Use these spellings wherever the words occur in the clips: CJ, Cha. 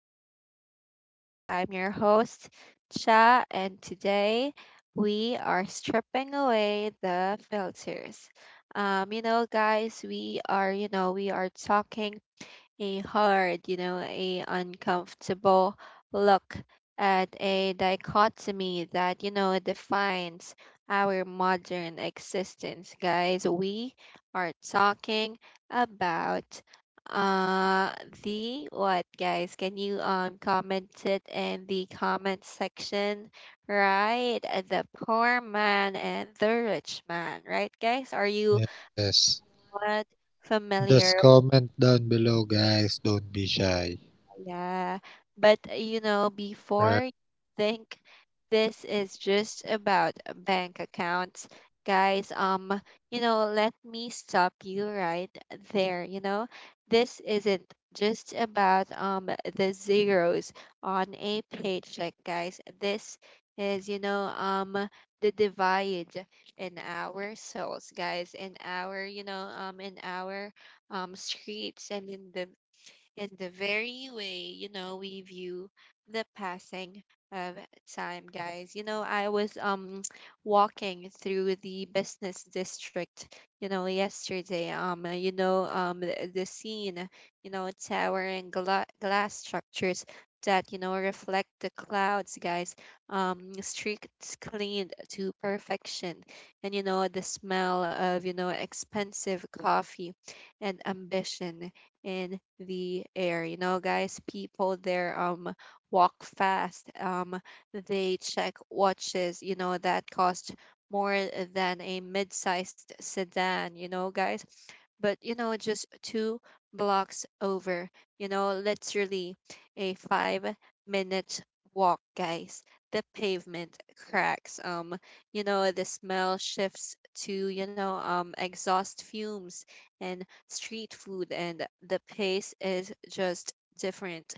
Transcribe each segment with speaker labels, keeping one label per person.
Speaker 1: another episode. I'm your host, Cha, and today we are stripping away the filters. Guys, we are talking a hard, a uncomfortable look at a dichotomy that, defines our modern existence, guys. We are talking about uh the what, guys? Can you comment it in the comment section, right? The poor man and the rich man, right, guys? Are you
Speaker 2: Yes.
Speaker 1: what familiar?
Speaker 2: Just comment down below, guys. Don't be shy.
Speaker 1: Yeah, but before you
Speaker 2: Right.
Speaker 1: think this is just about bank accounts, guys, let me stop you right there. This isn't just about the zeros on a paycheck, guys. This is, the divide in our souls, guys, in our, in our streets and in the very way, we view the passing of time, guys. I was walking through the business district, yesterday. The scene, towering glass structures that, reflect the clouds, guys. Streets cleaned to perfection, and the smell of expensive coffee and ambition in the air. Guys, people there walk fast. They check watches that cost more than a mid-sized sedan. Guys, but just two blocks over. Literally a five-minute walk, guys. The pavement cracks. The smell shifts to exhaust fumes and street food, and the pace is just different.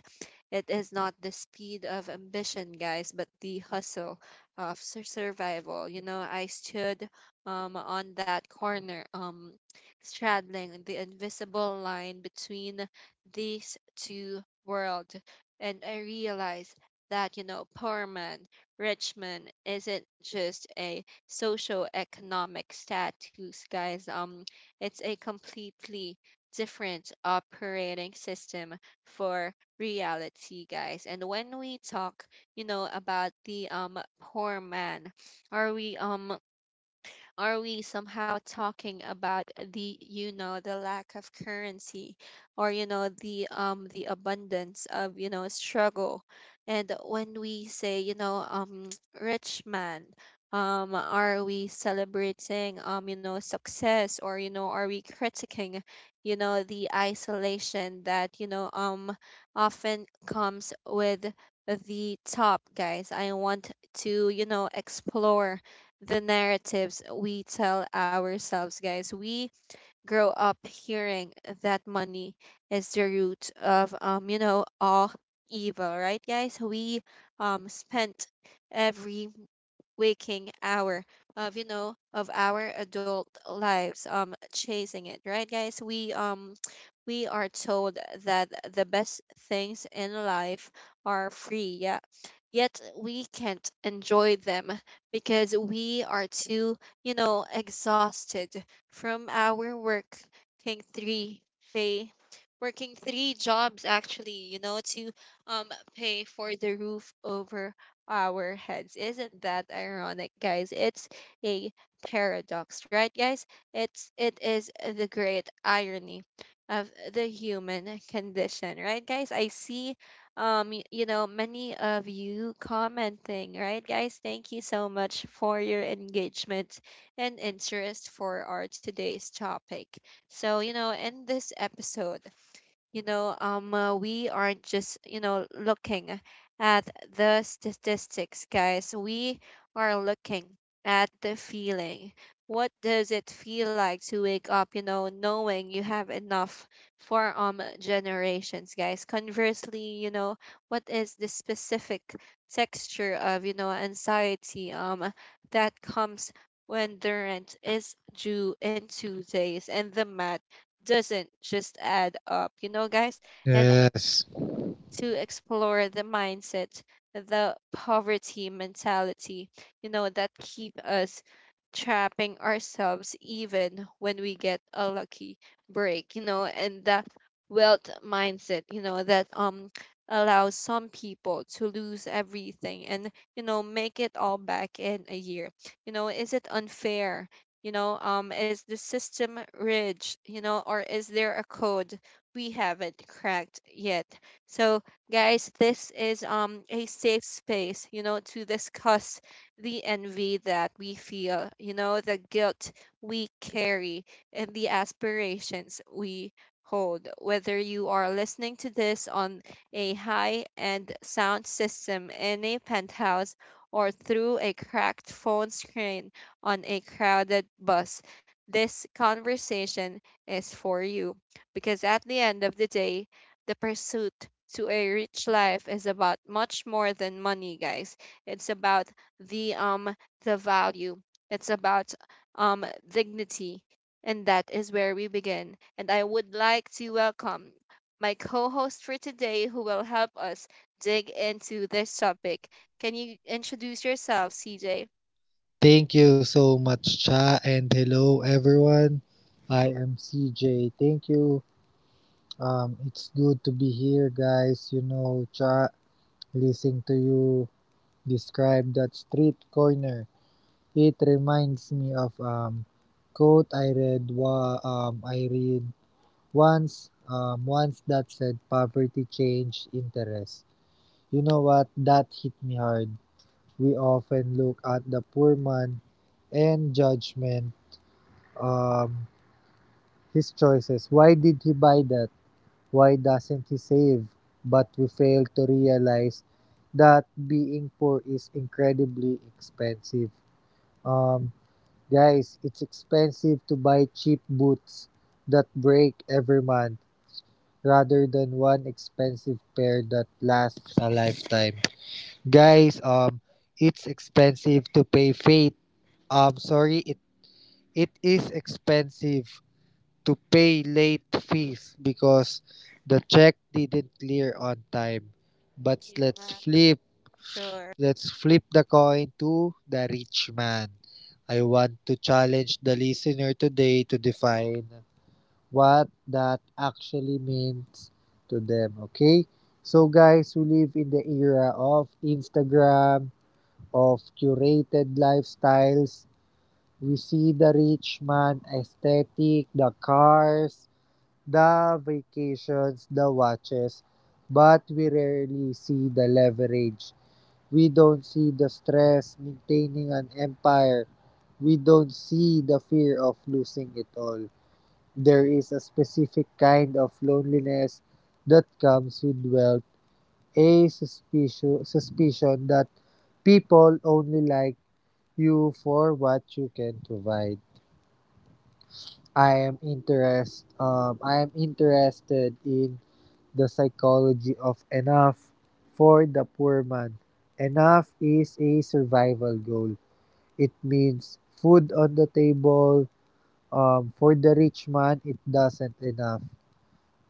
Speaker 1: It is not the speed of ambition, guys, but the hustle of survival. I stood on that corner, straddling the invisible line between these two worlds, and I realized that poor man, rich man isn't just a socio-economic status, guys. It's a completely different operating system for reality, guys. And when we talk, about the poor man, are we somehow talking about the the lack of currency or the abundance of struggle? And when we say rich man, are we celebrating success, or are we critiquing the isolation that often comes with the top, guys? I want to explore the narratives we tell ourselves, guys. We grow up hearing that money is the root of, all evil, right, guys? We spent every waking hour of you know of our adult lives chasing it, right, guys? We we are told that the best things in life are free, yeah, yet we can't enjoy them because we are too exhausted from our work, working three pay working three jobs, actually, to um pay for the roof over our heads. Isn't that ironic, guys? It's a paradox, right, guys? It is the great irony of the human condition, right, guys? I see you know many of you commenting, right, guys? Thank you so much for your engagement and interest for our today's topic. So, in this episode, we aren't just, looking at the statistics, guys. We are looking at the feeling. What does it feel like to wake up, knowing you have enough for generations, guys? Conversely, what is the specific texture of, anxiety that comes when the rent is due in 2 days and the math doesn't just add up, guys. And
Speaker 2: Yes.
Speaker 1: to explore the mindset, the poverty mentality, that keep us trapping ourselves even when we get a lucky break, and that wealth mindset, you know, that allows some people to lose everything and make it all back in a year. Is it unfair? Is the system rigid? Or is there a code we haven't cracked yet? So, guys, this is a safe space, to discuss the envy that we feel, the guilt we carry and the aspirations we hold. Whether you are listening to this on a high-end sound system in a penthouse or through a cracked phone screen on a crowded bus, this conversation is for you, because at the end of the day, the pursuit to a rich life is about much more than money, guys. It's about the um the value, it's about dignity, and that is where we begin. And I would like to welcome my co-host for today, who will help us dig into this topic. Can you introduce yourself, CJ?
Speaker 2: Thank you so much, Cha, and hello, everyone. I am CJ. Thank you. It's good to be here, guys. You know, Cha, listening to you describe that street corner, it reminds me of quote I read once that said poverty changed interest. You know what, that hit me hard. We often look at the poor man and judgment um his choices. Why did he buy that? Why doesn't he save? But we fail to realize that being poor is incredibly expensive. Um Guys, it's expensive to buy cheap boots that break every month rather than one expensive pair that lasts a lifetime. Guys, it's expensive to pay fate. Sorry, it is expensive to pay late fees because the check didn't clear on time. But
Speaker 1: Yeah, sure.
Speaker 2: let's flip the coin to the rich man. I want to challenge the listener today to define what that actually means to them. Okay, so guys, we live in the era of Instagram, of curated lifestyles. We see the rich man aesthetic, the cars, the vacations, the watches, but we rarely see the leverage. We don't see the stress maintaining an empire. We don't see the fear of losing it all. There is a specific kind of loneliness that comes with wealth, a suspicion that people only like you for what you can provide. I am interested in the psychology of enough for the poor man. Enough is a survival goal. It means food on the table. Um, for the rich man it doesn't enough.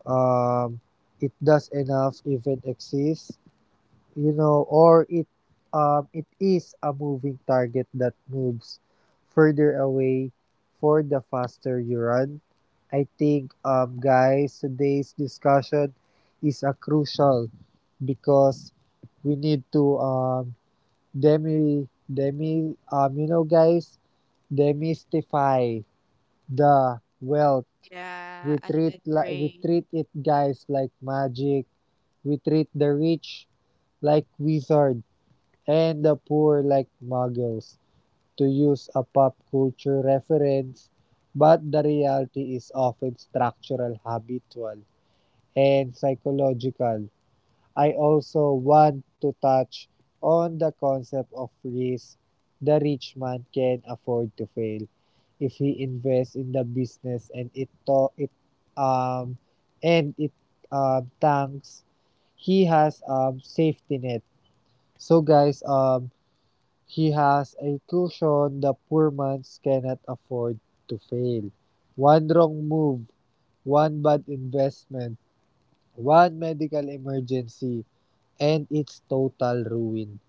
Speaker 2: Um, it does enough even exist, you know, or it is a moving target that moves further away for the faster you run. I think, guys, today's discussion is a crucial because we need to demi demi you know, guys, demystify the wealth.
Speaker 1: Yeah, I
Speaker 2: We
Speaker 1: agree.
Speaker 2: treat it, guys, like magic. We treat the rich like wizards and the poor like muggles, to use a pop culture reference, but the reality is often structural, habitual, and psychological. I also want to touch on the concept of risk. The rich man can afford to fail if he invests in the business and it to- it um and it tanks, he has safety net. So guys, he has a cushion. The poor man cannot afford to fail. One wrong move, one bad investment, one medical emergency, and it's total ruin.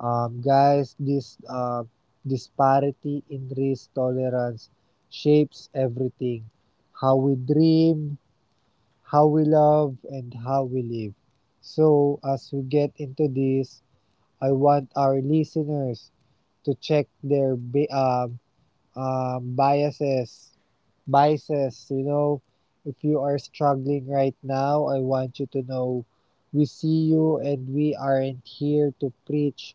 Speaker 2: Guys, this disparity in risk tolerance shapes everything: how we dream, how we love, and how we live. So, as we get into this, I want our listeners to check their biases, biases. You know, if you are struggling right now, I want you to know we see you and we aren't here to preach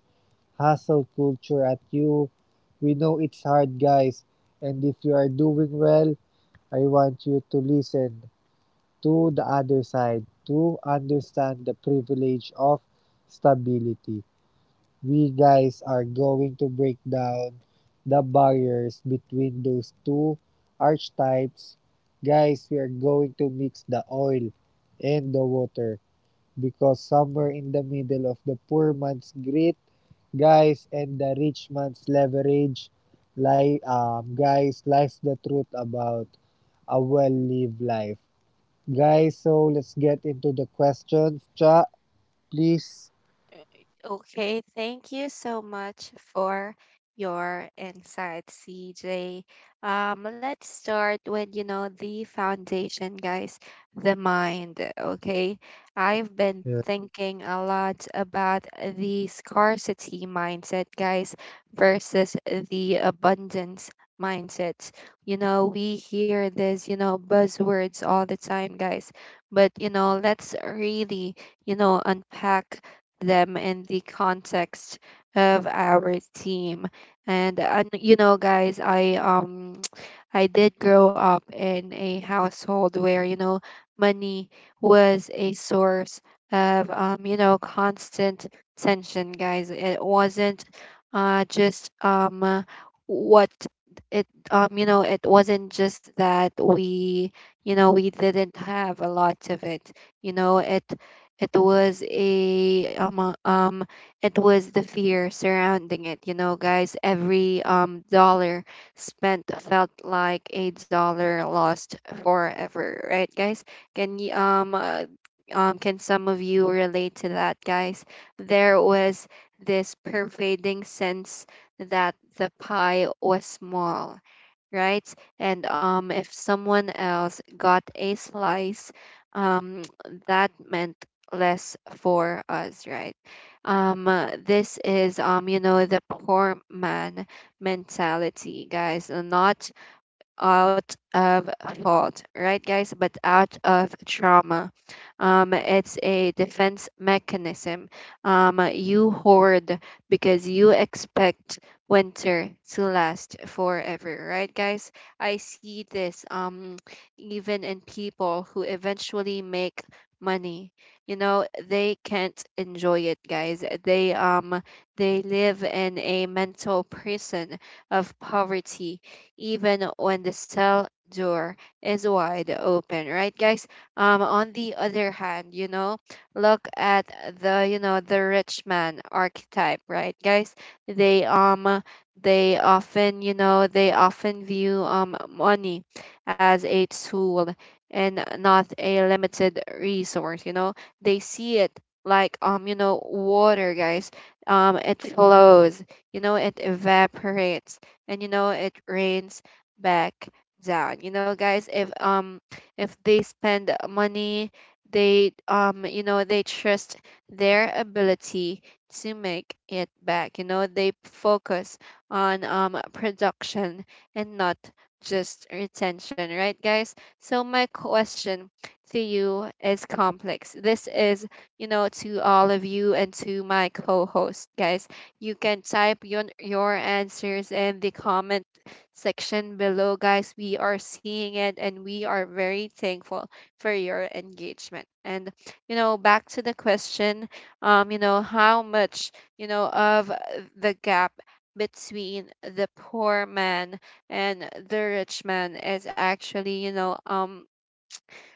Speaker 2: hustle culture at you. We know it's hard, guys. And if you are doing well, I want you to listen to the other side to understand the privilege of stability. We guys are going to break down the barriers between those two archetypes. Guys, we are going to mix the oil and the water because somewhere in the middle of the poor man's grit, guys, and the rich man's leverage, guys, lies the truth about a well lived life. Guys, so let's get into the questions. Cha, please.
Speaker 1: Okay, thank you so much for your insight, CJ. Let's start with, the foundation, guys, the mind, okay? I've been
Speaker 2: Yeah.
Speaker 1: thinking a lot about the scarcity mindset, guys, versus the abundance mindset. We hear this, buzzwords all the time, guys, but, let's really, unpack them in the context of our team. And guys, I I did grow up in a household where money was a source of constant tension, guys. It wasn't just what it you know it wasn't just that we we didn't have a lot of it, you know it it was a it was the fear surrounding it, guys. Every dollar spent felt like a dollar lost forever, right, guys? Can you can some of you relate to that, guys? There was this pervading sense that the pie was small, right? And if someone else got a slice, um, that meant less for us, right? This is, the poor man mentality, guys. Not out of fault, right, guys? But out of trauma. It's a defense mechanism. You hoard because you expect winter to last forever, right, guys? I see this even in people who eventually make money. They can't enjoy it, guys. They they live in a mental prison of poverty even when the cell door is wide open, right, guys? On the other hand, look at the the rich man archetype, right, guys? They um they often you know they often view money as a tool and not a limited resource. They see it like water, guys. It flows. It evaporates and it rains back down. Guys, if they spend money, they they trust their ability to make it back. They focus on production and not just retention, right, guys? So my question to you is complex. This is, to all of you and to my co-host, guys. You can type your answers in the comment section below, guys. We are seeing it and we are very thankful for your engagement. And, back to the question, how much, of the gap between the poor man and the rich man is actually,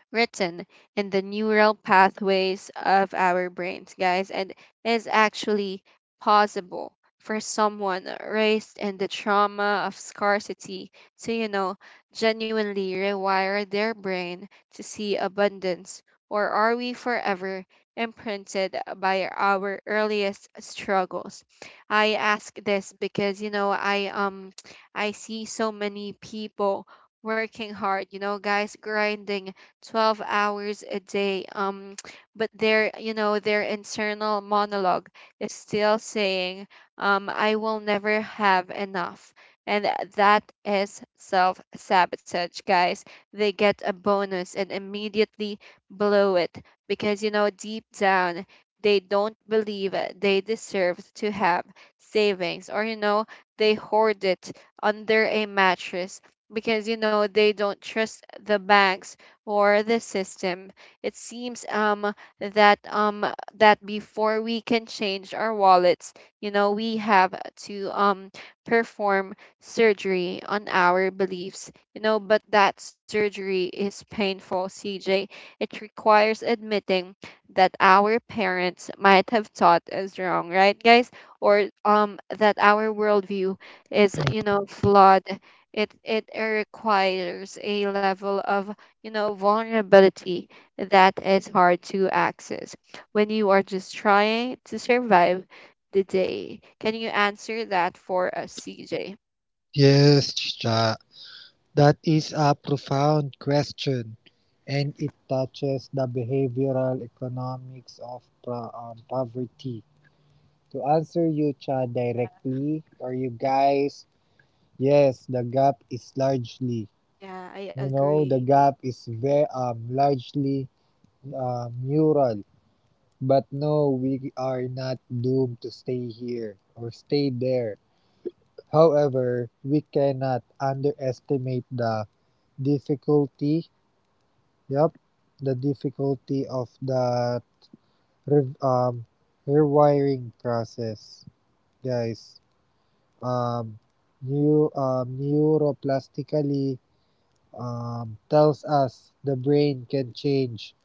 Speaker 1: written in the neural pathways of our brains, guys, and is actually possible for someone raised in the trauma of scarcity to, genuinely rewire their brain to see abundance? Or are we forever imprinted by our earliest struggles? I ask this because, I see so many people working hard, guys, grinding 12 hours a day, but their you know their internal monologue is still saying, I will never have enough. And that is self sabotage, guys. They get a bonus and immediately blow it because deep down they don't believe they deserve to have savings, or they hoard it under a mattress because they don't trust the banks or the system. It seems that um that before we can change our wallets, we have to perform surgery on our beliefs. But that surgery is painful, CJ. It requires admitting that our parents might have taught us wrong, right, guys? Or that our worldview is, flawed. It requires a level of vulnerability that is hard to access when you are just trying to survive the day. Can you answer that for us, CJ?
Speaker 2: Yes, Cha. That is a profound question, and it touches the behavioral economics of poverty. To answer you, Chad, directly, or you guys, yes, the gap is largely,
Speaker 1: Yeah, I
Speaker 2: you know, the
Speaker 1: agree.
Speaker 2: gap is very largely mural. But no, we are not doomed to stay here or stay there. However, we cannot underestimate the difficulty Yep, the difficulty of that rev- um rewiring process, guys. Um, new neuroplastically tells us the brain can change,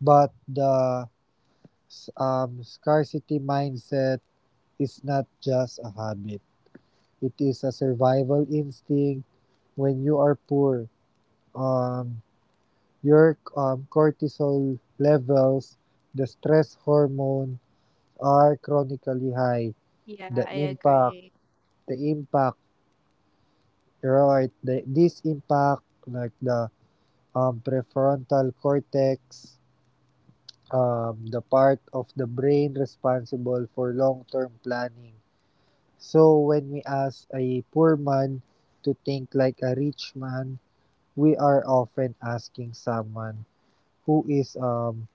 Speaker 2: but the scarcity mindset is not just a habit. It is a survival instinct. When you are poor, um, your cortisol levels, the stress hormone, are chronically high,
Speaker 1: Yeah,
Speaker 2: the
Speaker 1: I
Speaker 2: impact,
Speaker 1: agree.
Speaker 2: the impact, right, this impact, like the prefrontal cortex, the part of the brain responsible for long-term planning. So when we ask a poor man to think like a rich man, we are often asking someone who is um,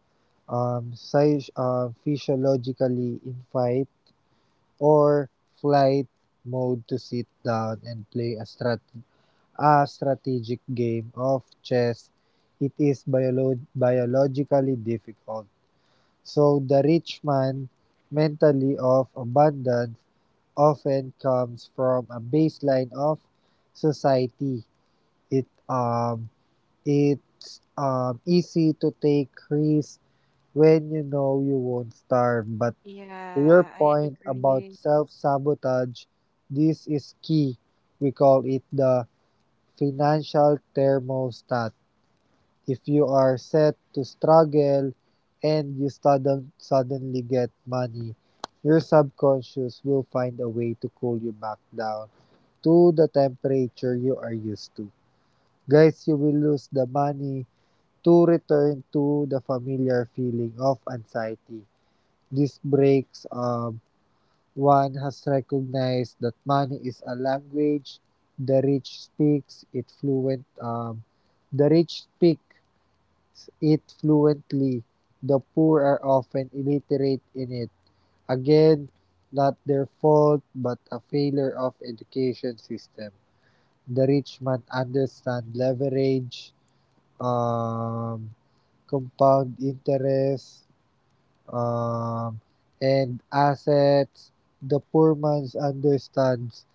Speaker 2: um, psych- uh, physiologically infirm or flight mode to sit down and play a strategic game of chess. It is biologically difficult. So the rich man mentally of abundance often comes from a baseline of society. It um it's easy to take risks when you know you won't starve, but to your
Speaker 1: Yeah, I
Speaker 2: point about
Speaker 1: agree.
Speaker 2: self sabotage, this is key. We call it the financial thermostat. If you are set to struggle and you suddenly get money, your subconscious will find a way to cool you back down to the temperature you are used to. Guys, you will lose the money to return to the familiar feeling of anxiety. This breaks one has recognized that money is a language. the rich speaks it fluent um, the rich speak it fluently. The poor are often illiterate in it. Again, not their fault, but a failure of education system. The rich man understand leverage, um, compound interest, um, and assets. The poor man understands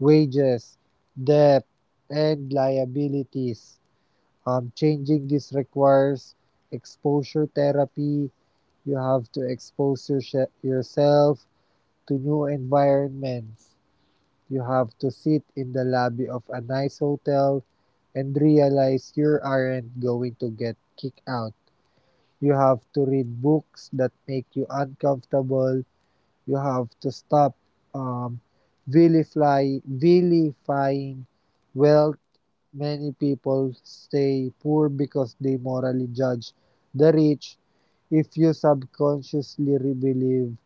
Speaker 2: wages, debt, and liabilities. Changing this requires exposure therapy. You have to expose yourself to new environments. You have to sit in the lobby of a nice hotel and realize you aren't going to get kicked out. You have to read books that make you uncomfortable. You have to stop um, vilifying wealth. Many people stay poor because they morally judge the rich. If you subconsciously believe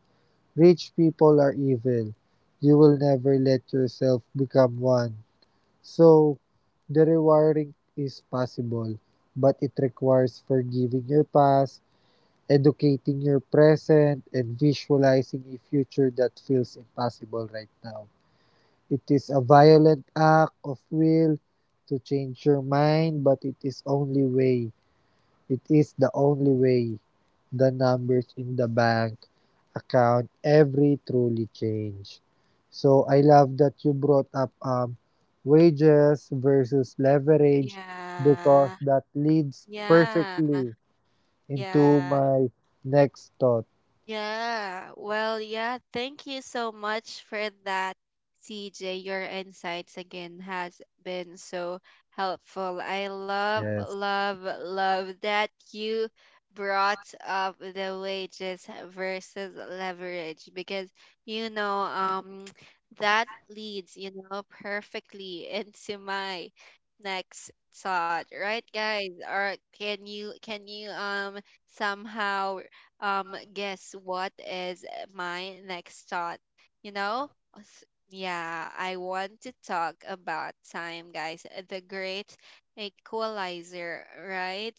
Speaker 2: rich people are evil, you will never let yourself become one. So, the rewiring is possible, but it requires forgiving your past, educating your present and visualizing a future that feels impossible right now. It is a violent act of will to change your mind, but it is only way. It is the only way. The numbers in the bank account every truly change. So I love that you brought up wages versus leverage because
Speaker 1: Yeah,
Speaker 2: that leads
Speaker 1: yeah,
Speaker 2: perfectly into
Speaker 1: yeah.
Speaker 2: my next thought.
Speaker 1: Yeah, well, yeah, thank you so much for that, CJ. Your insights again has been so helpful. I love,
Speaker 2: Yes.
Speaker 1: love, love that you brought up the wages versus leverage because you know, um, that leads perfectly into my next thought, right, guys? Or can you somehow guess what is my next thought you know S- yeah, I want to talk about time, guys. The great equalizer, right?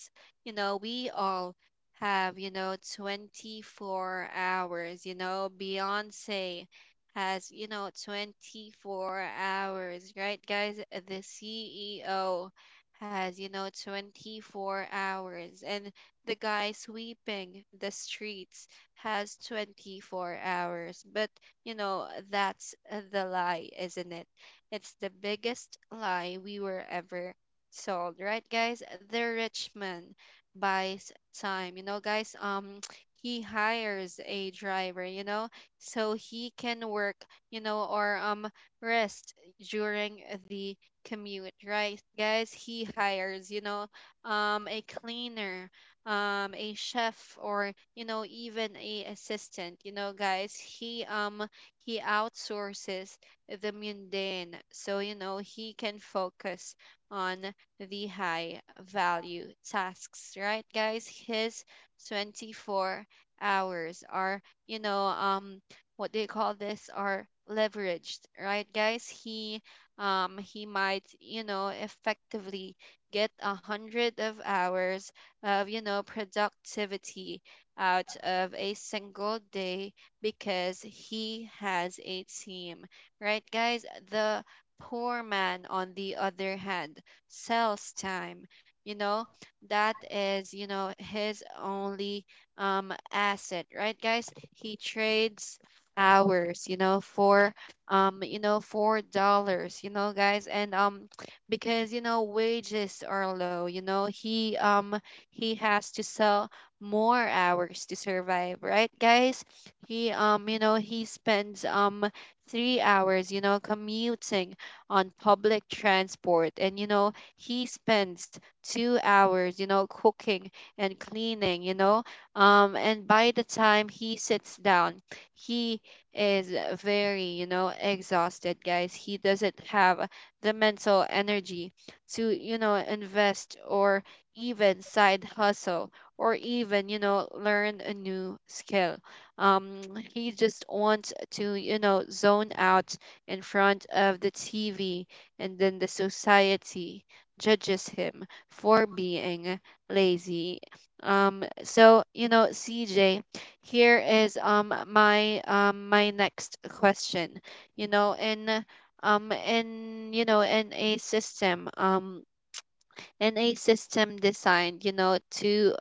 Speaker 1: We all have, you know, 24 hours. You know, Beyonce has, you know, 24 hours, right, guys? The CEO has, you know, 24 hours, and the guy sweeping the streets has 24 hours. But you know, that's the lie, isn't it? It's the biggest lie we were ever sold, right, guys? The rich man buys time, you know, guys. He hires a driver, you know, so he can work, you know, or rest during the commute, right, guys? He hires, you know, a cleaner, a chef, or you know, even a assistant, you know, guys. He he outsources the mundane so, you know, he can focus on the high value tasks, right, guys? His 24 hours are, you know what do you call this are leveraged, right, guys? He might, you know, effectively get a hundred of hours of, you know, productivity out of a single day because he has a team, right, guys? The poor man, on the other hand, sells time, you know. That is, you know, his only asset, right, guys? He trades hours, you know, for you know, $4, you know, guys. And Because you know, wages are low, you know, he has to sell more hours to survive, right, guys? He You know, he spends 3 hours, you know, commuting on public transport, and you know, he spends 2 hours, you know, cooking and cleaning, you know. And by the time he sits down, he is very, you know, exhausted, guys. He doesn't have the mental energy to, you know, invest or even side hustle or even, you know, learn a new skill. um he just wants to, you know, zone out in front of the TV, and then the society judges him for being lazy. So you know, CJ, here is my next question. You know, in you know, in a system, and a system designed, you know, to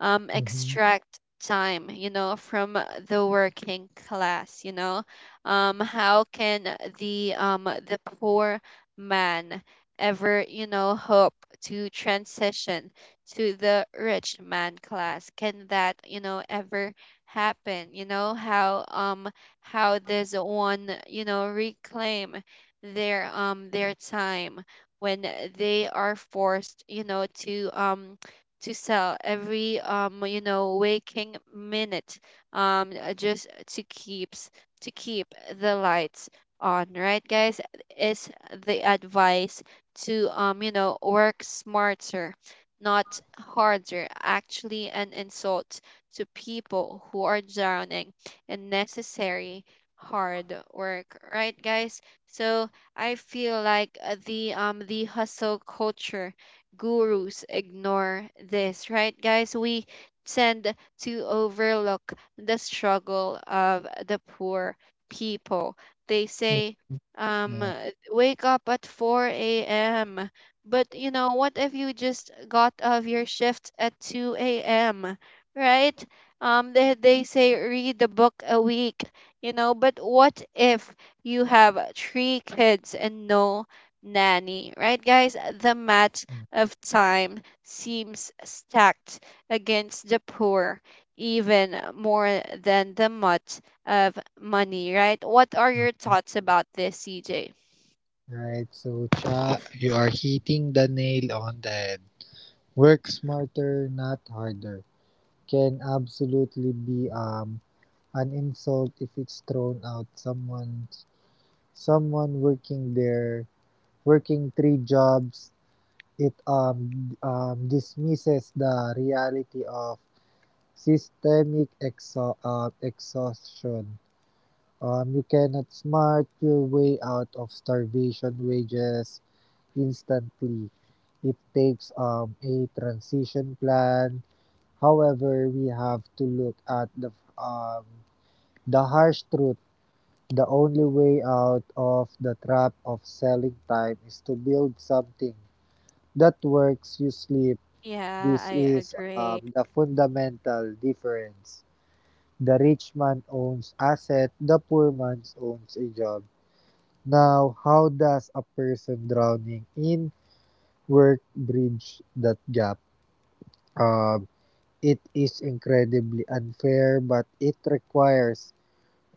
Speaker 2: Mm-hmm.
Speaker 1: extract time, you know, from the working class, you know. How can the poor man ever, you know, hope to transition to the rich man class? Can that, you know, ever happen? You know, how does one, you know, reclaim their time when they are forced, you know, to sell every you know, waking minute, just to keep the lights on, right, guys? Is the advice to, you know, work smarter, not harder, actually an insult to people who are drowning in necessary hard work, right, guys? So I feel like, the hustle culture gurus ignore this, right, guys? We tend to overlook the struggle of the poor people. They say,
Speaker 2: Yeah.
Speaker 1: wake up at 4 a.m. But you know, what if you just got off your shift at 2 a.m., right? They say read the book a week, you know, but what if you have three kids and no nanny, right, guys? The mat of time seems stacked against the poor even more than the mutt of money, right? What are your thoughts about this, CJ?
Speaker 2: Right. So Cha, you are hitting the nail on the head. Work smarter, not harder. Can absolutely be an insult if it's thrown out someone working there working three jobs. It dismisses the reality of systemic exhaustion. You cannot smart your way out of starvation wages instantly. It takes a transition plan. However, we have to look at um, the harsh truth. The only way out of the trap of selling time is to build something that works. You sleep.
Speaker 1: Yeah,
Speaker 2: This
Speaker 1: I
Speaker 2: is
Speaker 1: agree.
Speaker 2: the fundamental difference. The rich man owns asset. The poor man owns a job. Now, how does a person drowning in work bridge that gap? Um, it is incredibly unfair, but it requires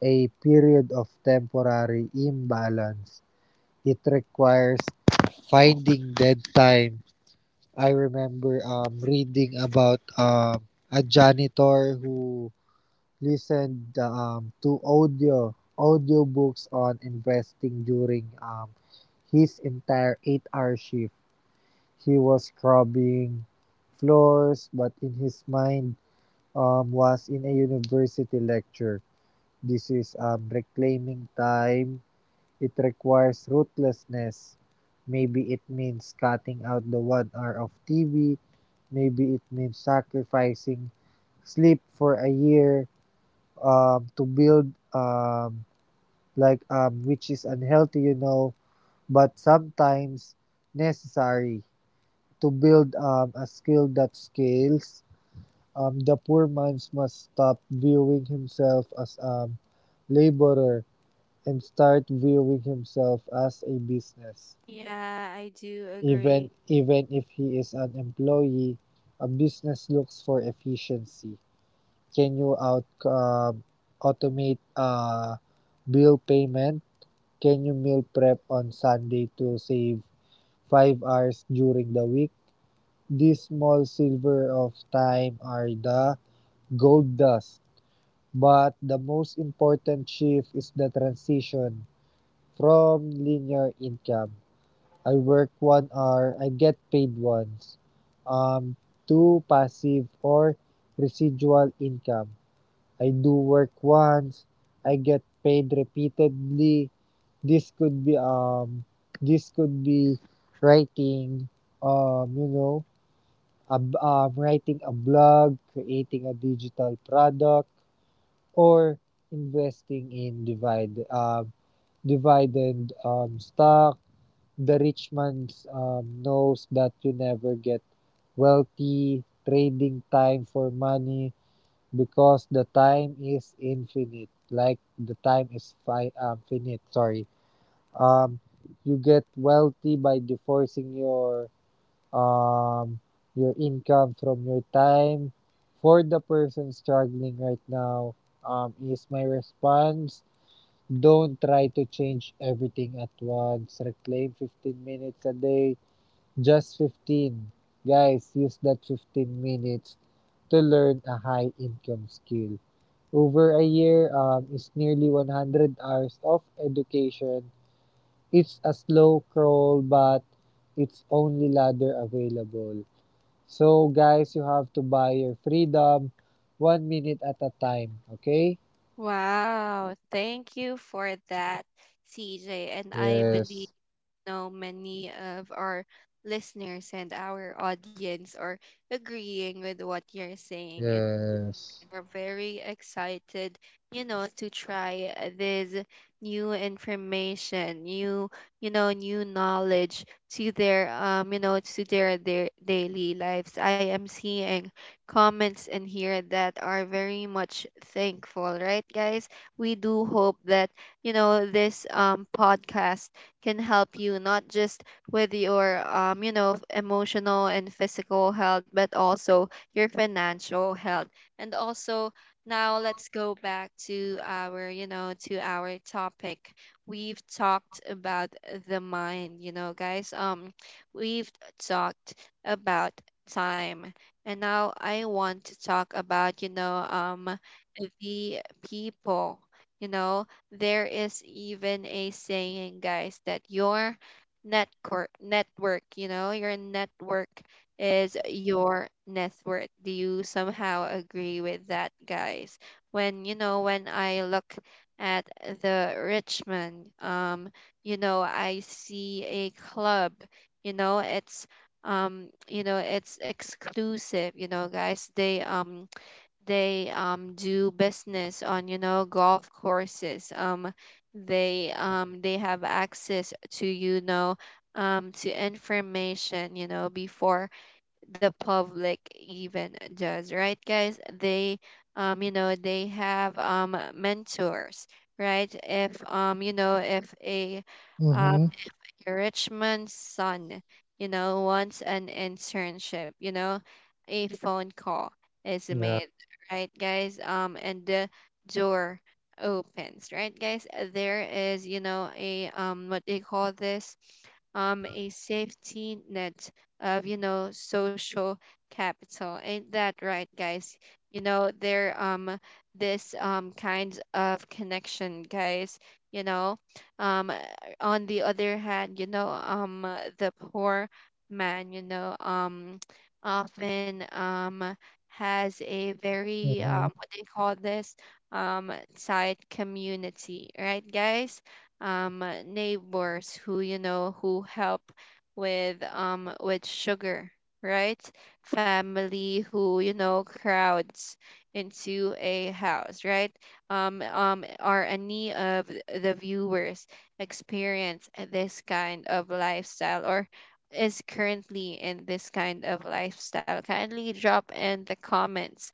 Speaker 2: a period of temporary imbalance. It requires finding dead time. I remember reading about a janitor who listen to audiobooks on investing during his entire eight-hour shift. He was scrubbing floors, but in his mind was in a university lecture. This is reclaiming time. It requires ruthlessness. Maybe it means cutting out the one hour of TV. Maybe it means sacrificing sleep for a year to build which is unhealthy, you know, but sometimes necessary to build a skill that scales. The poor minds must stop viewing himself as a laborer and start viewing himself as a business,
Speaker 1: Yeah, I do
Speaker 2: even
Speaker 1: agree.
Speaker 2: even if he is an employee. A business looks for efficiency. Can you out automate bill payment? Can you meal prep on Sunday to save 5 hours during the week? These small silver of time are the gold dust. But the most important shift is the transition from linear income. I work one hour, I get paid once. Um, to passive or residual income. I do work once, I get paid repeatedly. This could be this could be writing, um you know writing a blog, creating a digital product, or investing in dividend stock. The rich man knows that you never get wealthy trading time for money because the time is finite, sorry. um, you get wealthy by divorcing um your income from your time. For the person struggling right now, is my response. Don't try to change everything at once. Reclaim 15 minutes a day, just 15. Guys, use that 15 minutes to learn a high income skill. Over a year is nearly 100 hours of education. It's a slow crawl, but it's only ladder available. So, guys, you have to buy your freedom 1 minute at a time, okay?
Speaker 1: Wow, thank you for that, CJ. And I believe.
Speaker 2: Yes,
Speaker 1: Know many of our listeners and our audience are agreeing with what you're saying, and
Speaker 2: yes.
Speaker 1: are very excited, you know, to try this new information, new, you know, new knowledge to their, you know, to their daily lives. I am seeing comments in here that are very much thankful, right, guys? We do hope that you know, this podcast can help you not just with your you know, emotional and physical health, but also your financial health, and also now let's go back to our, you know, to our topic. We've talked about the mind, you know, guys we've talked about time, and now I want to talk about, you know, the people, you know. There is even a saying, guys, that your network, you know, your network is your net worth. Do you somehow agree with that, guys? When you know, when I look at the Richmond, you know, I see a club, you know. It's You know, it's exclusive, you know, guys. They do business on, you know, golf courses. They have access to, you know, to information, you know, before the public even does, right, guys? They You know, they have mentors, right? If you know, if a um
Speaker 2: Mm-hmm.
Speaker 1: Richmond's son, you know, wants an internship, you know, a phone call is
Speaker 2: Yeah.
Speaker 1: made, right, guys? And the door opens, right, guys? There is, you know, a what they call this, a safety net of, you know, social capital. Ain't that right, guys? You know, there this kind of connection, guys. You know, um on the other hand, you know, the poor man, you know, often has a very
Speaker 2: Mm-hmm.
Speaker 1: what they call this um tight community, right, guys? Neighbors who, you know, who help with, with sugar, right? Family who, you know, crowds into a house, right? Are any of the viewers experience this kind of lifestyle, or is currently in this kind of lifestyle? Kindly drop in the comments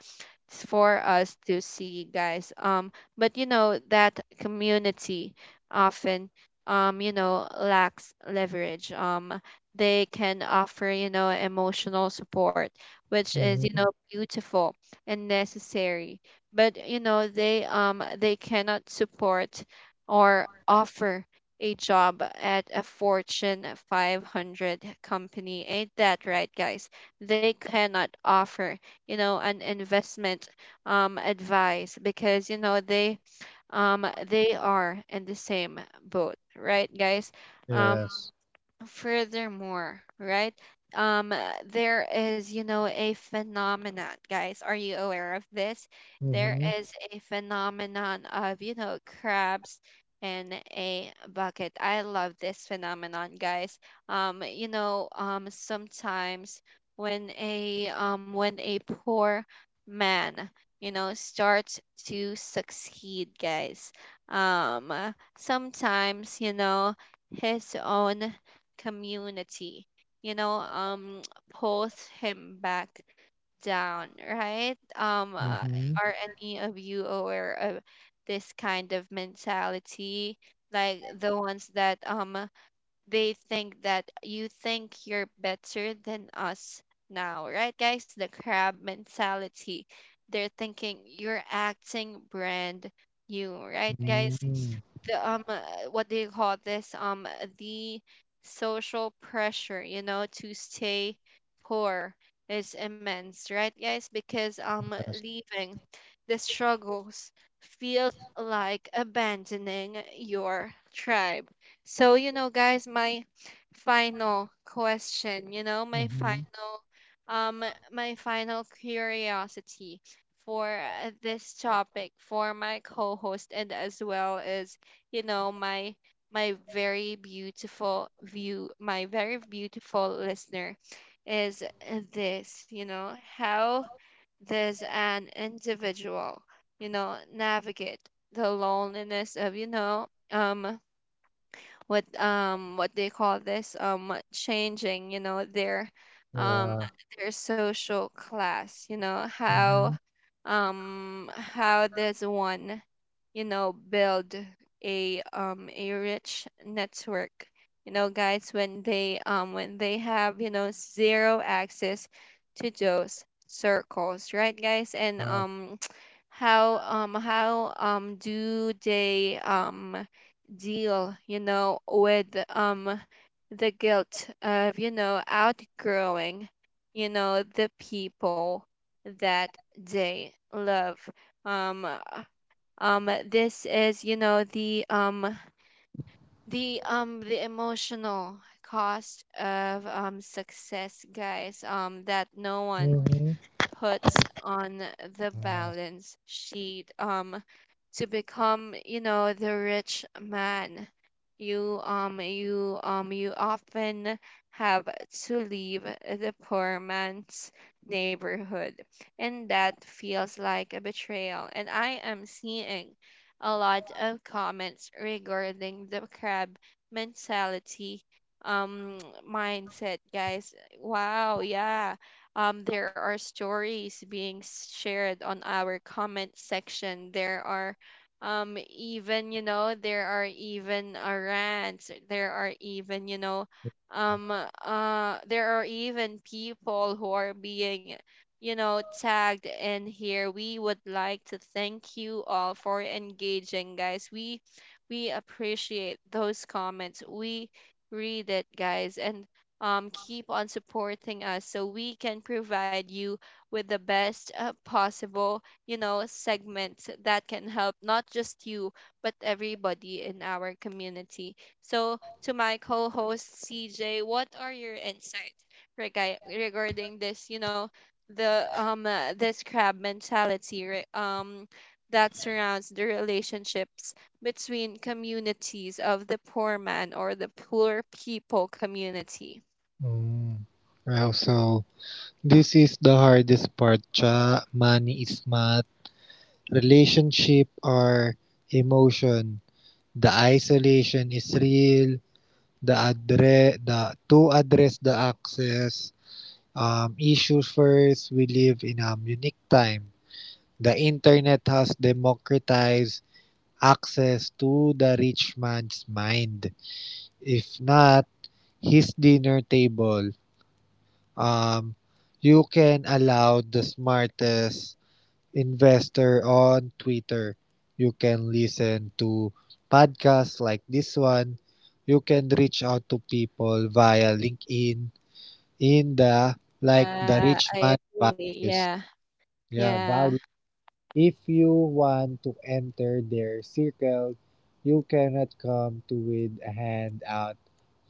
Speaker 1: for us to see, guys. But you know, that community often, you know, lacks leverage. They can offer, you know, emotional support, which is, you
Speaker 2: Mm-hmm.
Speaker 1: know, beautiful and necessary. But you know, they cannot support or offer a job at a Fortune 500 company. Ain't that right, guys? They cannot offer, you know, an investment advice, because, you know, they are in the same boat, right, guys? Um.
Speaker 2: Yes.
Speaker 1: Furthermore, right? There is, you know, a phenomenon, guys. Are you aware of this? There
Speaker 2: Mm-hmm.
Speaker 1: is a phenomenon of, you know, crabs in a bucket. I love this phenomenon, guys. Sometimes when a poor man, you know, starts to succeed, guys. Um, uh, Sometimes, you know, his own community, you know, pulls him back down, right?
Speaker 2: Mm-hmm.
Speaker 1: Are any of you aware of this kind of mentality, like the ones that they think that you think you're better than us now, right, guys? The crab mentality. They're thinking you're acting brand new, right, guys?
Speaker 2: Mm-hmm.
Speaker 1: The what do you call this? The social pressure, you know, to stay poor is immense, right, guys? Because
Speaker 2: Yes.
Speaker 1: leaving the struggles feels like abandoning your tribe. So, you know, guys, my final question, you know, my
Speaker 2: Mm-hmm.
Speaker 1: final curiosity for this topic, for my co-host, and as well as, you know, my very beautiful view, my very beautiful listener is this. You know, how does an individual, you know, navigate the loneliness of, you know, what they call this, changing, you know, um
Speaker 2: Yeah.
Speaker 1: their social class. You know,
Speaker 2: Mm-hmm.
Speaker 1: how does one, you know, build a rich network, you know, guys, when they have, you know, zero access to those circles, right, guys? And
Speaker 2: Uh,
Speaker 1: How do they, deal, you know, with the guilt of, you know, outgrowing, you know, the people that day love. um uh, this is, you know, the emotional cost of success, guys, that no one
Speaker 2: mm-hmm.
Speaker 1: puts on the
Speaker 2: Yes.
Speaker 1: balance sheet, to become, you know, the rich man. You often have to leave the poor man's neighborhood, and that feels like a betrayal. And I am seeing a lot of comments regarding the crab mentality um mindset, guys. Wow, yeah. There are stories being shared on our comment section. There are, even, you know, there are even rants. There are even, you know, there are even people who are being, you know, tagged in here. We would like to thank you all for engaging, guys. We appreciate those comments. We read it, guys, and keep on supporting us so we can provide you with the best possible, you know, segments that can help not just you, but everybody in our community. So, to my co host, CJ, what are your insights regarding this, you know, the this crab mentality that surrounds the relationships between communities of the poor man or the poor people community.
Speaker 2: Mm. Wow, so this is the hardest part, cha. Money is not relationship or emotion. The isolation is real. The address, the to address the access issue first. We live in a unique time. The internet has democratized access to the rich man's mind. If not, his dinner table. Um, you can allow the smartest investor on Twitter. You can listen to podcasts like this one. You can reach out to people via LinkedIn in the like the rich
Speaker 1: I
Speaker 2: man
Speaker 1: agree.
Speaker 2: values.
Speaker 1: Yeah,
Speaker 2: Yeah,
Speaker 1: yeah,
Speaker 2: value. If you want to enter their circle, you cannot come to with a handout.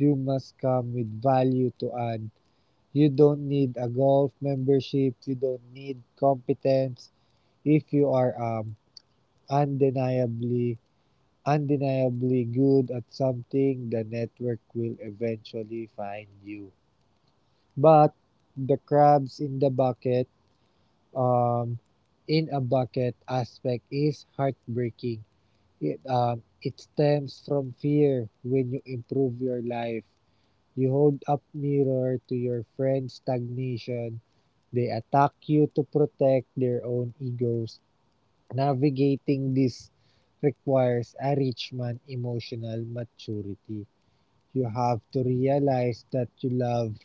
Speaker 2: You must come with value to add. You don't need a golf membership. You don't need competence. If you are undeniably undeniably good at something, the network will eventually find you. But the crabs in the bucket, um, in a bucket aspect is heartbreaking. It stems from fear. When you improve your life, you hold up mirror to your friend's stagnation. They attack you to protect their own egos. Navigating this requires a rich man emotional maturity. You have to realize that you love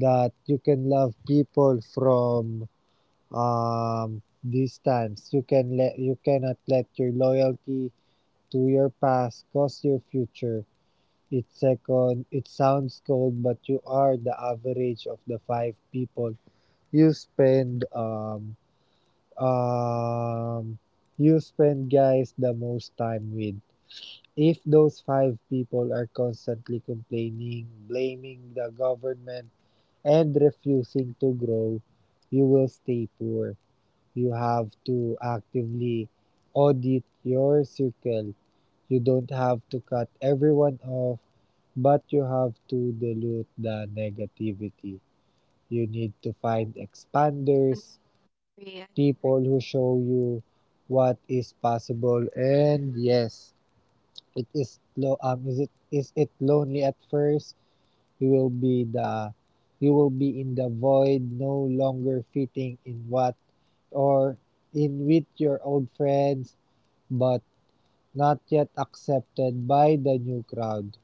Speaker 2: that you can love people from um, distance. You cannot let your loyalty to your past cause your future. It sounds cold, but you are the average of the five people you spend um um, you spend guys the most time with. If those five people are constantly complaining, blaming the government, and refusing to grow, you will stay poor. You have to actively audit your circle. You don't have to cut everyone off, but you have to dilute the negativity. You need to find
Speaker 1: I
Speaker 2: expanders,
Speaker 1: agree. I agree.
Speaker 2: people who show you what is possible. And yes, it is lo is it lonely at first. You will be the you will be in the void, no longer fitting in what or in with your old friends, but not yet accepted by the new crowd.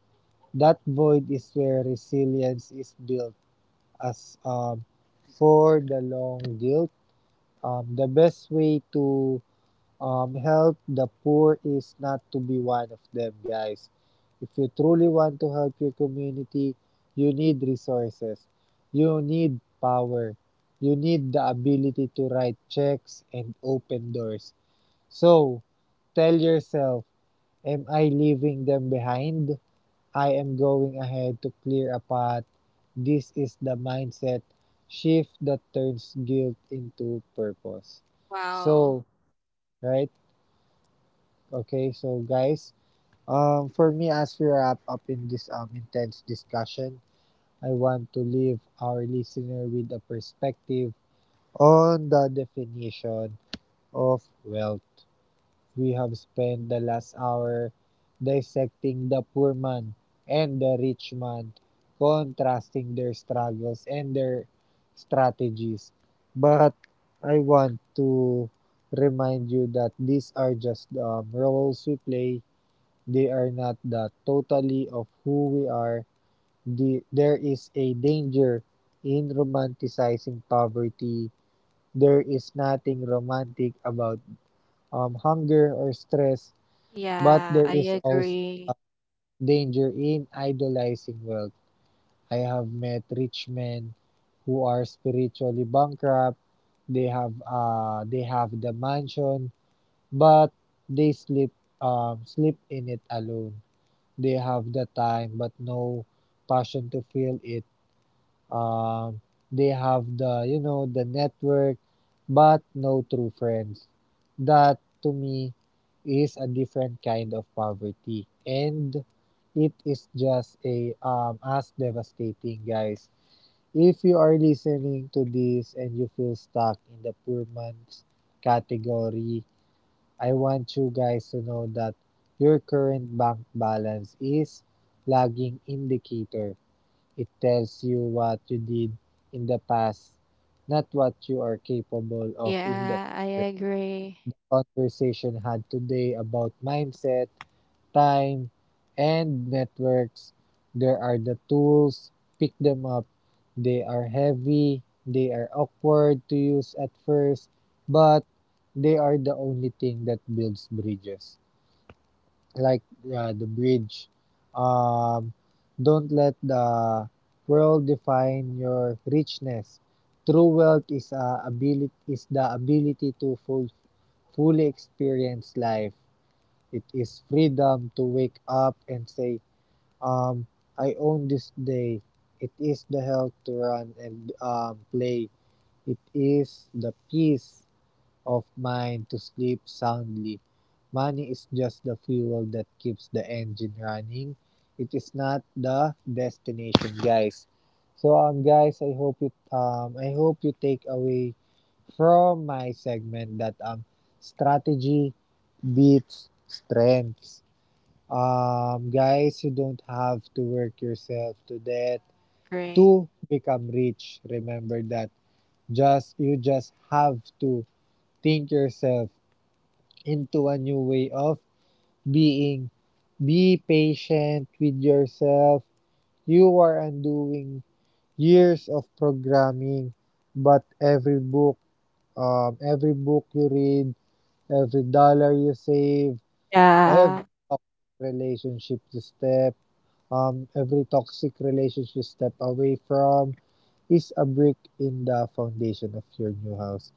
Speaker 2: That void is where resilience is built. As for the long guilt, the best way to help the poor is not to be one of them, guys. If you truly want to help your community, you need resources. You need power. You need the ability to write checks and open doors. So, tell yourself, am I leaving them behind? I am going ahead to clear a path. This is the mindset shift that turns guilt into purpose.
Speaker 1: Wow.
Speaker 2: So, right? Okay, so guys, for me, as we wrap up in this intense discussion, I want to leave our listener with a perspective on the definition of wealth. We have spent the last hour dissecting the poor man and the rich man, contrasting their struggles and their strategies. But I want to remind you that these are just roles we play. They are not the totality of who we are. There is a danger in romanticizing poverty. There is nothing romantic about hunger or stress, but
Speaker 1: Yeah,
Speaker 2: there
Speaker 1: I
Speaker 2: is also a
Speaker 1: agree.
Speaker 2: danger in idolizing wealth. I have met rich men who are spiritually bankrupt. They have the mansion, but they sleep sleep in it alone. They have the time but no passion to feel it. Um, they have the, you know, the network but no true friends. That to me is a different kind of poverty, and it is just a as devastating guys. If you are listening to this and you feel stuck in the poor man's category, I want you guys to know that your current bank balance is lagging indicator. It tells you what you did in the past, not what you are capable of in the
Speaker 1: Yeah, I
Speaker 2: future.
Speaker 1: agree.
Speaker 2: Conversation had today about mindset, time, and networks. There are the tools, pick them up. They are heavy, they are awkward to use at first, but they are the only thing that builds bridges like yeah, the bridge. Um, don't let the world define your richness. True wealth is a ability is the ability to fully experience life. It is freedom to wake up and say, um, I own this day. It is the health to run and play. It is the peace of mind to sleep soundly. Money is just the fuel that keeps the engine running. It is not the destination, guys. So guys, I hope you take away from my segment that strategy beats strengths. Guys, you don't have to work yourself to death
Speaker 1: Agree.
Speaker 2: to become rich. Remember that. Just you just have to think yourself into a new way of being. Be patient with yourself. You are undoing years of programming, but every book you read, every dollar you save, every
Speaker 1: Yeah,
Speaker 2: toxic relationship you step, every toxic relationship you step away from is a brick in the foundation of your new house.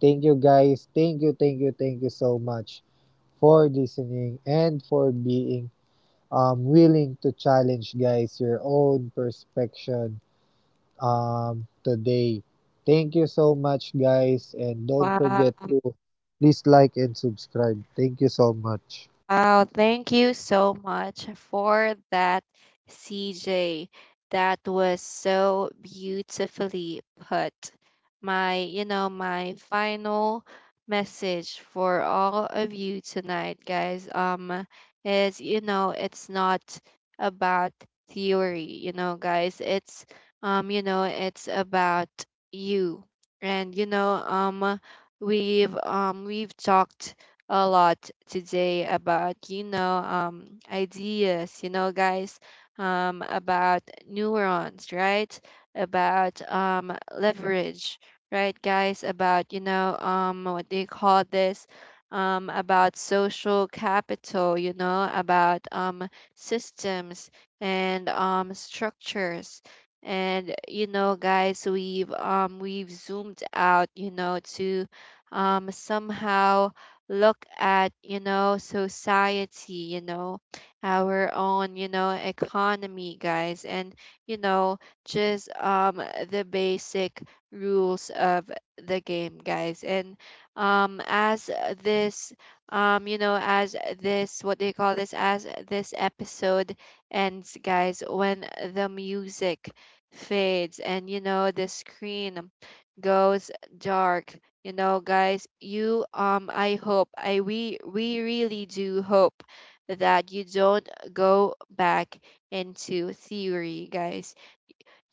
Speaker 2: Thank you guys. Thank you, thank you, thank you so much for listening and for being willing to challenge, guys, your own perspective today. Thank you so much, guys, and don't
Speaker 1: wow.
Speaker 2: forget to please like and subscribe. Thank you so much.
Speaker 1: Wow, thank you so much for that, CJ. That was so beautifully put. My, my final message for all of you tonight, guys, is, it's not about theory, you know, guys. It's, it's about you. And, we've talked a lot today about, ideas, you know, guys, about neurons, right? About leverage, right, guys? About, what do you call this? About social capital, you know, about systems and structures. And you know, guys, we've zoomed out, you know, to somehow look at, you know, society, you know, our own, you know, economy, guys, and you know, just the basic rules of the game, guys. And as this, as this, what they call this as this episode ends, guys, when the music fades and you know the screen goes dark, you know, guys. You I hope, I we really do hope that you don't go back into theory, guys.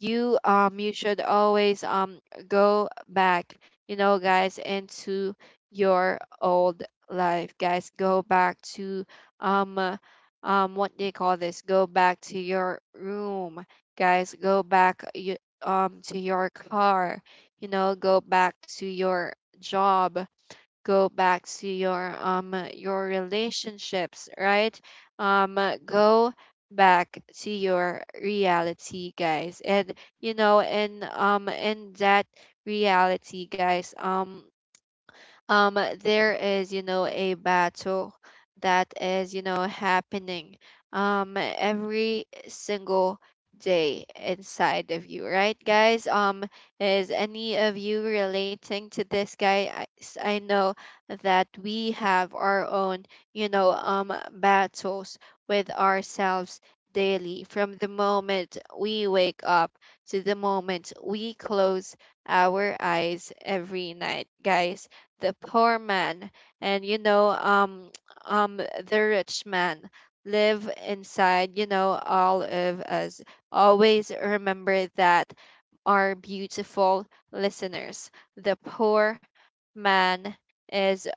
Speaker 1: You should always go back, you know, guys, into your old life, guys. Go back to um uh, what they call this go back to your room, guys. Go back, to your car, you know. Go back to your job. Go back to your relationships, right? Go back to your reality, guys. And you know, and in that reality, guys, um there is, you know, a battle that is, you know, happening every single day inside of you, right, guys? Is any of you relating to this, guy? I know that we have our own, battles with ourselves daily, from the moment we wake up to the moment we close our eyes every night, guys. The poor man and, you know the rich man, live inside, you know, all of us. Always remember that, our beautiful listeners. The poor man is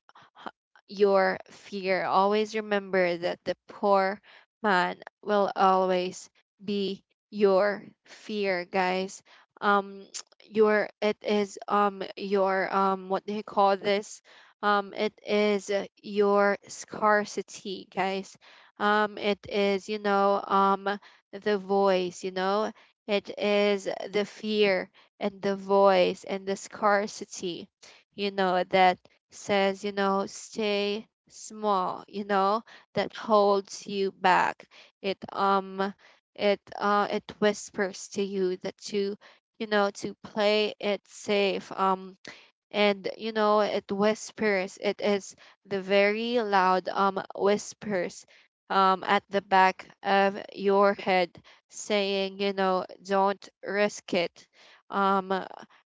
Speaker 1: your fear. Always remember that the poor man will always be your fear, guys. Um, your it is your what do you call this? It is, your scarcity, guys. It is, the voice, you know. It is the fear and the voice and the scarcity, you know, that says, you know, stay small, you know, that holds you back. It um it whispers to you that, to you know, to play it safe. And you know, it whispers, it is the very loud whispers at the back of your head, saying, you know, don't risk it. Um,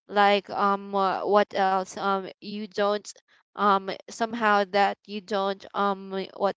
Speaker 1: what else? You don't, somehow that you don't, what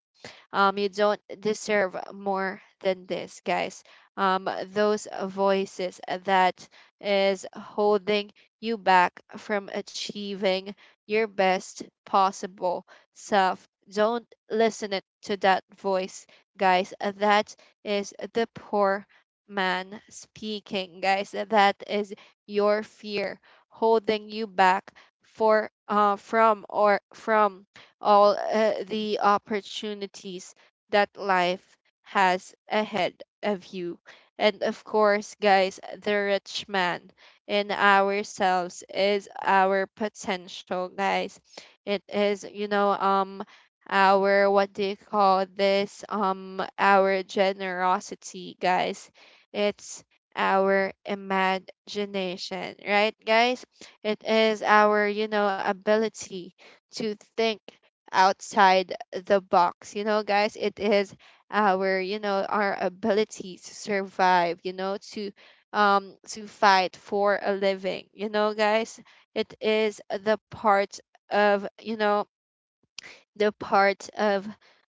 Speaker 1: you don't deserve more than this, guys. Those voices that is holding you back from achieving your best possible self. Don't listen it to that voice, guys. That is the poor man speaking, guys. That is your fear holding you back for from, or from all the opportunities that life has ahead of you. And of course, guys, the rich man in ourselves is our potential, guys. It is, our, what do you call this? Our generosity, guys. It's our imagination, right, guys? It is our, you know, ability to think outside the box. You know, guys, it is our, you know, our ability to survive, you know, to fight for a living. You know, guys, it is of, you know, the part of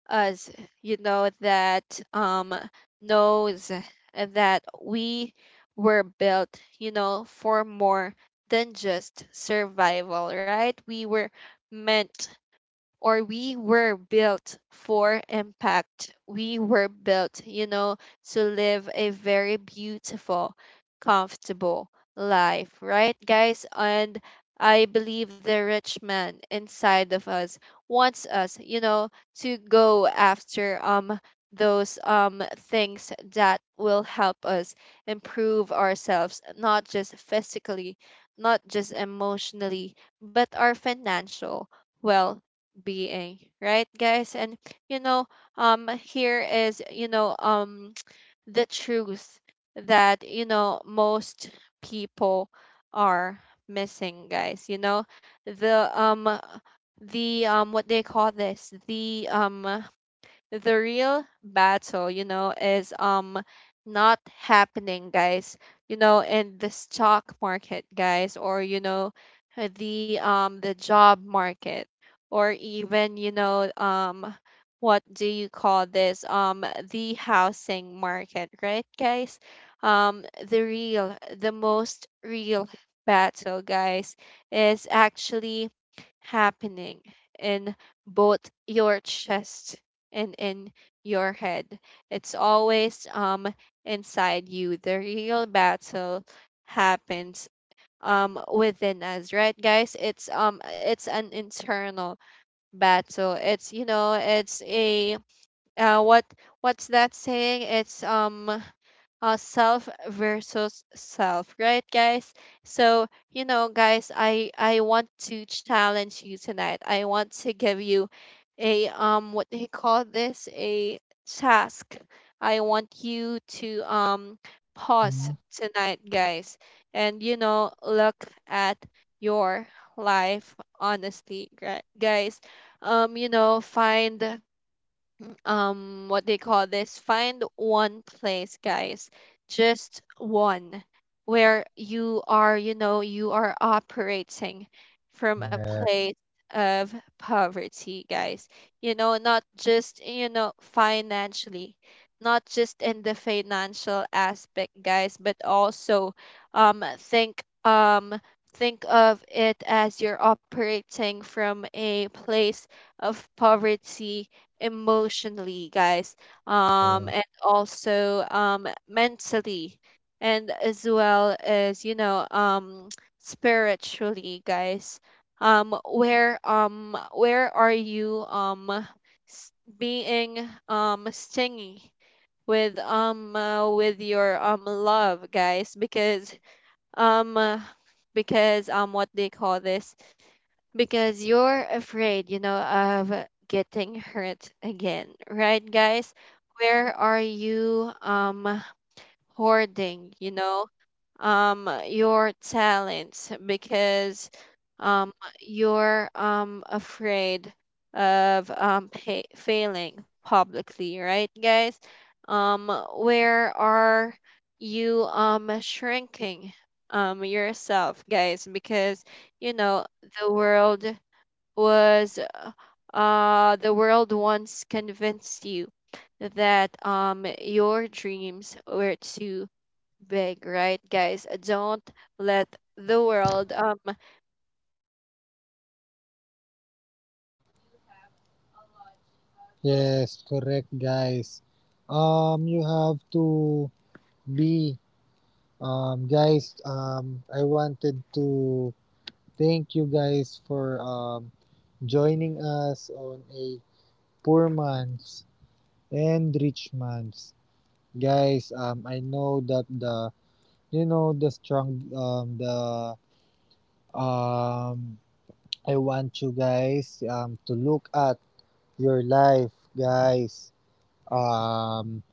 Speaker 1: us, you know, that knows that we were built, you know, for more than just survival, right? We were meant or we were built for impact. We were built, you know, to live a very beautiful, comfortable life, right, guys? And I believe the rich man inside of us wants us, you know, to go after those things that will help us improve ourselves, not just physically, not just emotionally, but our financial well being, right, guys? And you know, here is, you know, the truth that you know most people are missing, guys. You know, the um, the what they call this, the real battle, you know, is, not happening, guys. You know, in the stock market, guys, or you know, the job market, or even, you know, what do you call this the housing market, right, guys? The most real battle, guys, is actually happening in both your chest and in your head. It's always inside you. The real battle happens within us, right, guys? It's an internal battle. It's, you know, it's a, uh, what what's that saying? It's self versus self, right, guys? So, you know, guys, I want to challenge you tonight. I want to give you a, what do you call this? a task. I want you to pause
Speaker 2: Mhm.
Speaker 1: tonight, guys, and you know, look at your life honestly, guys. You know, find, what they call this find one place, guys, just one, where you are operating from a
Speaker 2: Yeah.
Speaker 1: place of poverty, guys, you know, not just, you know, financially, not just in the financial aspect, guys, but also um think um think of it as you're operating from a place of poverty emotionally, guys, and also, mentally, and as well as, you know, spiritually, guys. Where are you, being, stingy with, with your, love, guys? Um, uh, because what they call this because you're afraid, you know, of getting hurt again, right, guys? Where are you hoarding, you know, your talents, because um you're afraid of, pa failing publicly, right, guys? Um where are you shrinking yourself, guys? Because you know the world was, the world once convinced you that your dreams were too big, right, guys? Don't let the world make you feel small, guys. You have a lot of
Speaker 2: Yes, correct,
Speaker 1: opportunities.
Speaker 2: guys. You have to be, guys. I wanted to thank you guys for joining us on a poor man's and rich man's. Guys, I know that the you know the strong the um I want you guys to look at your life, guys. Um,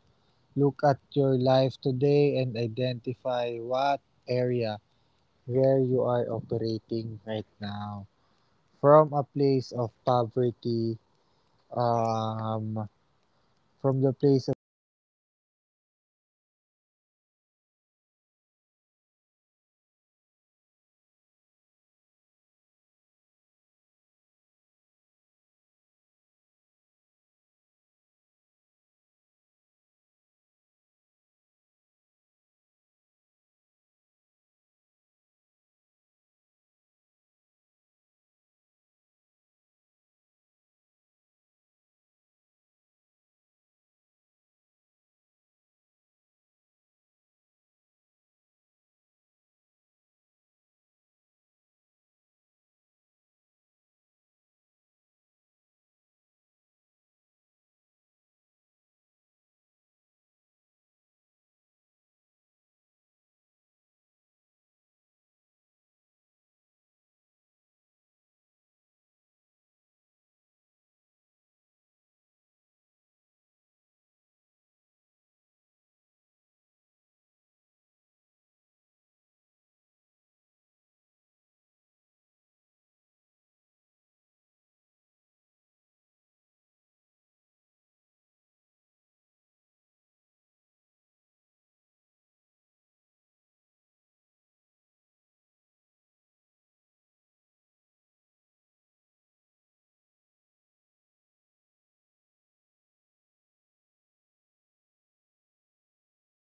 Speaker 2: look at your life today and identify what area where you are operating right now from a place of poverty um from the place of poverty, guys, not just financially, but you know, not financially, but emotionally. Where are you stingy with your love? Where you are hoarding your talents? Um, because you're afraid of failure? Where are you selling yourself short? Now, flip the script. What would the rich version of you do? um, the version of you that is overflowing with confidence and resources would they apply for are we going to stop right or which version do you you know the version you want is to overflowing with the confidence and resources would they apply for the job, would they start the business, would they forgive the old grudge. So, wealth is a state of being before. Um, wala na, reconnecting na lang tayo.
Speaker 1: Wala kayong internet?
Speaker 2: Ewan ko, wala na. Eh. Wala, sayang.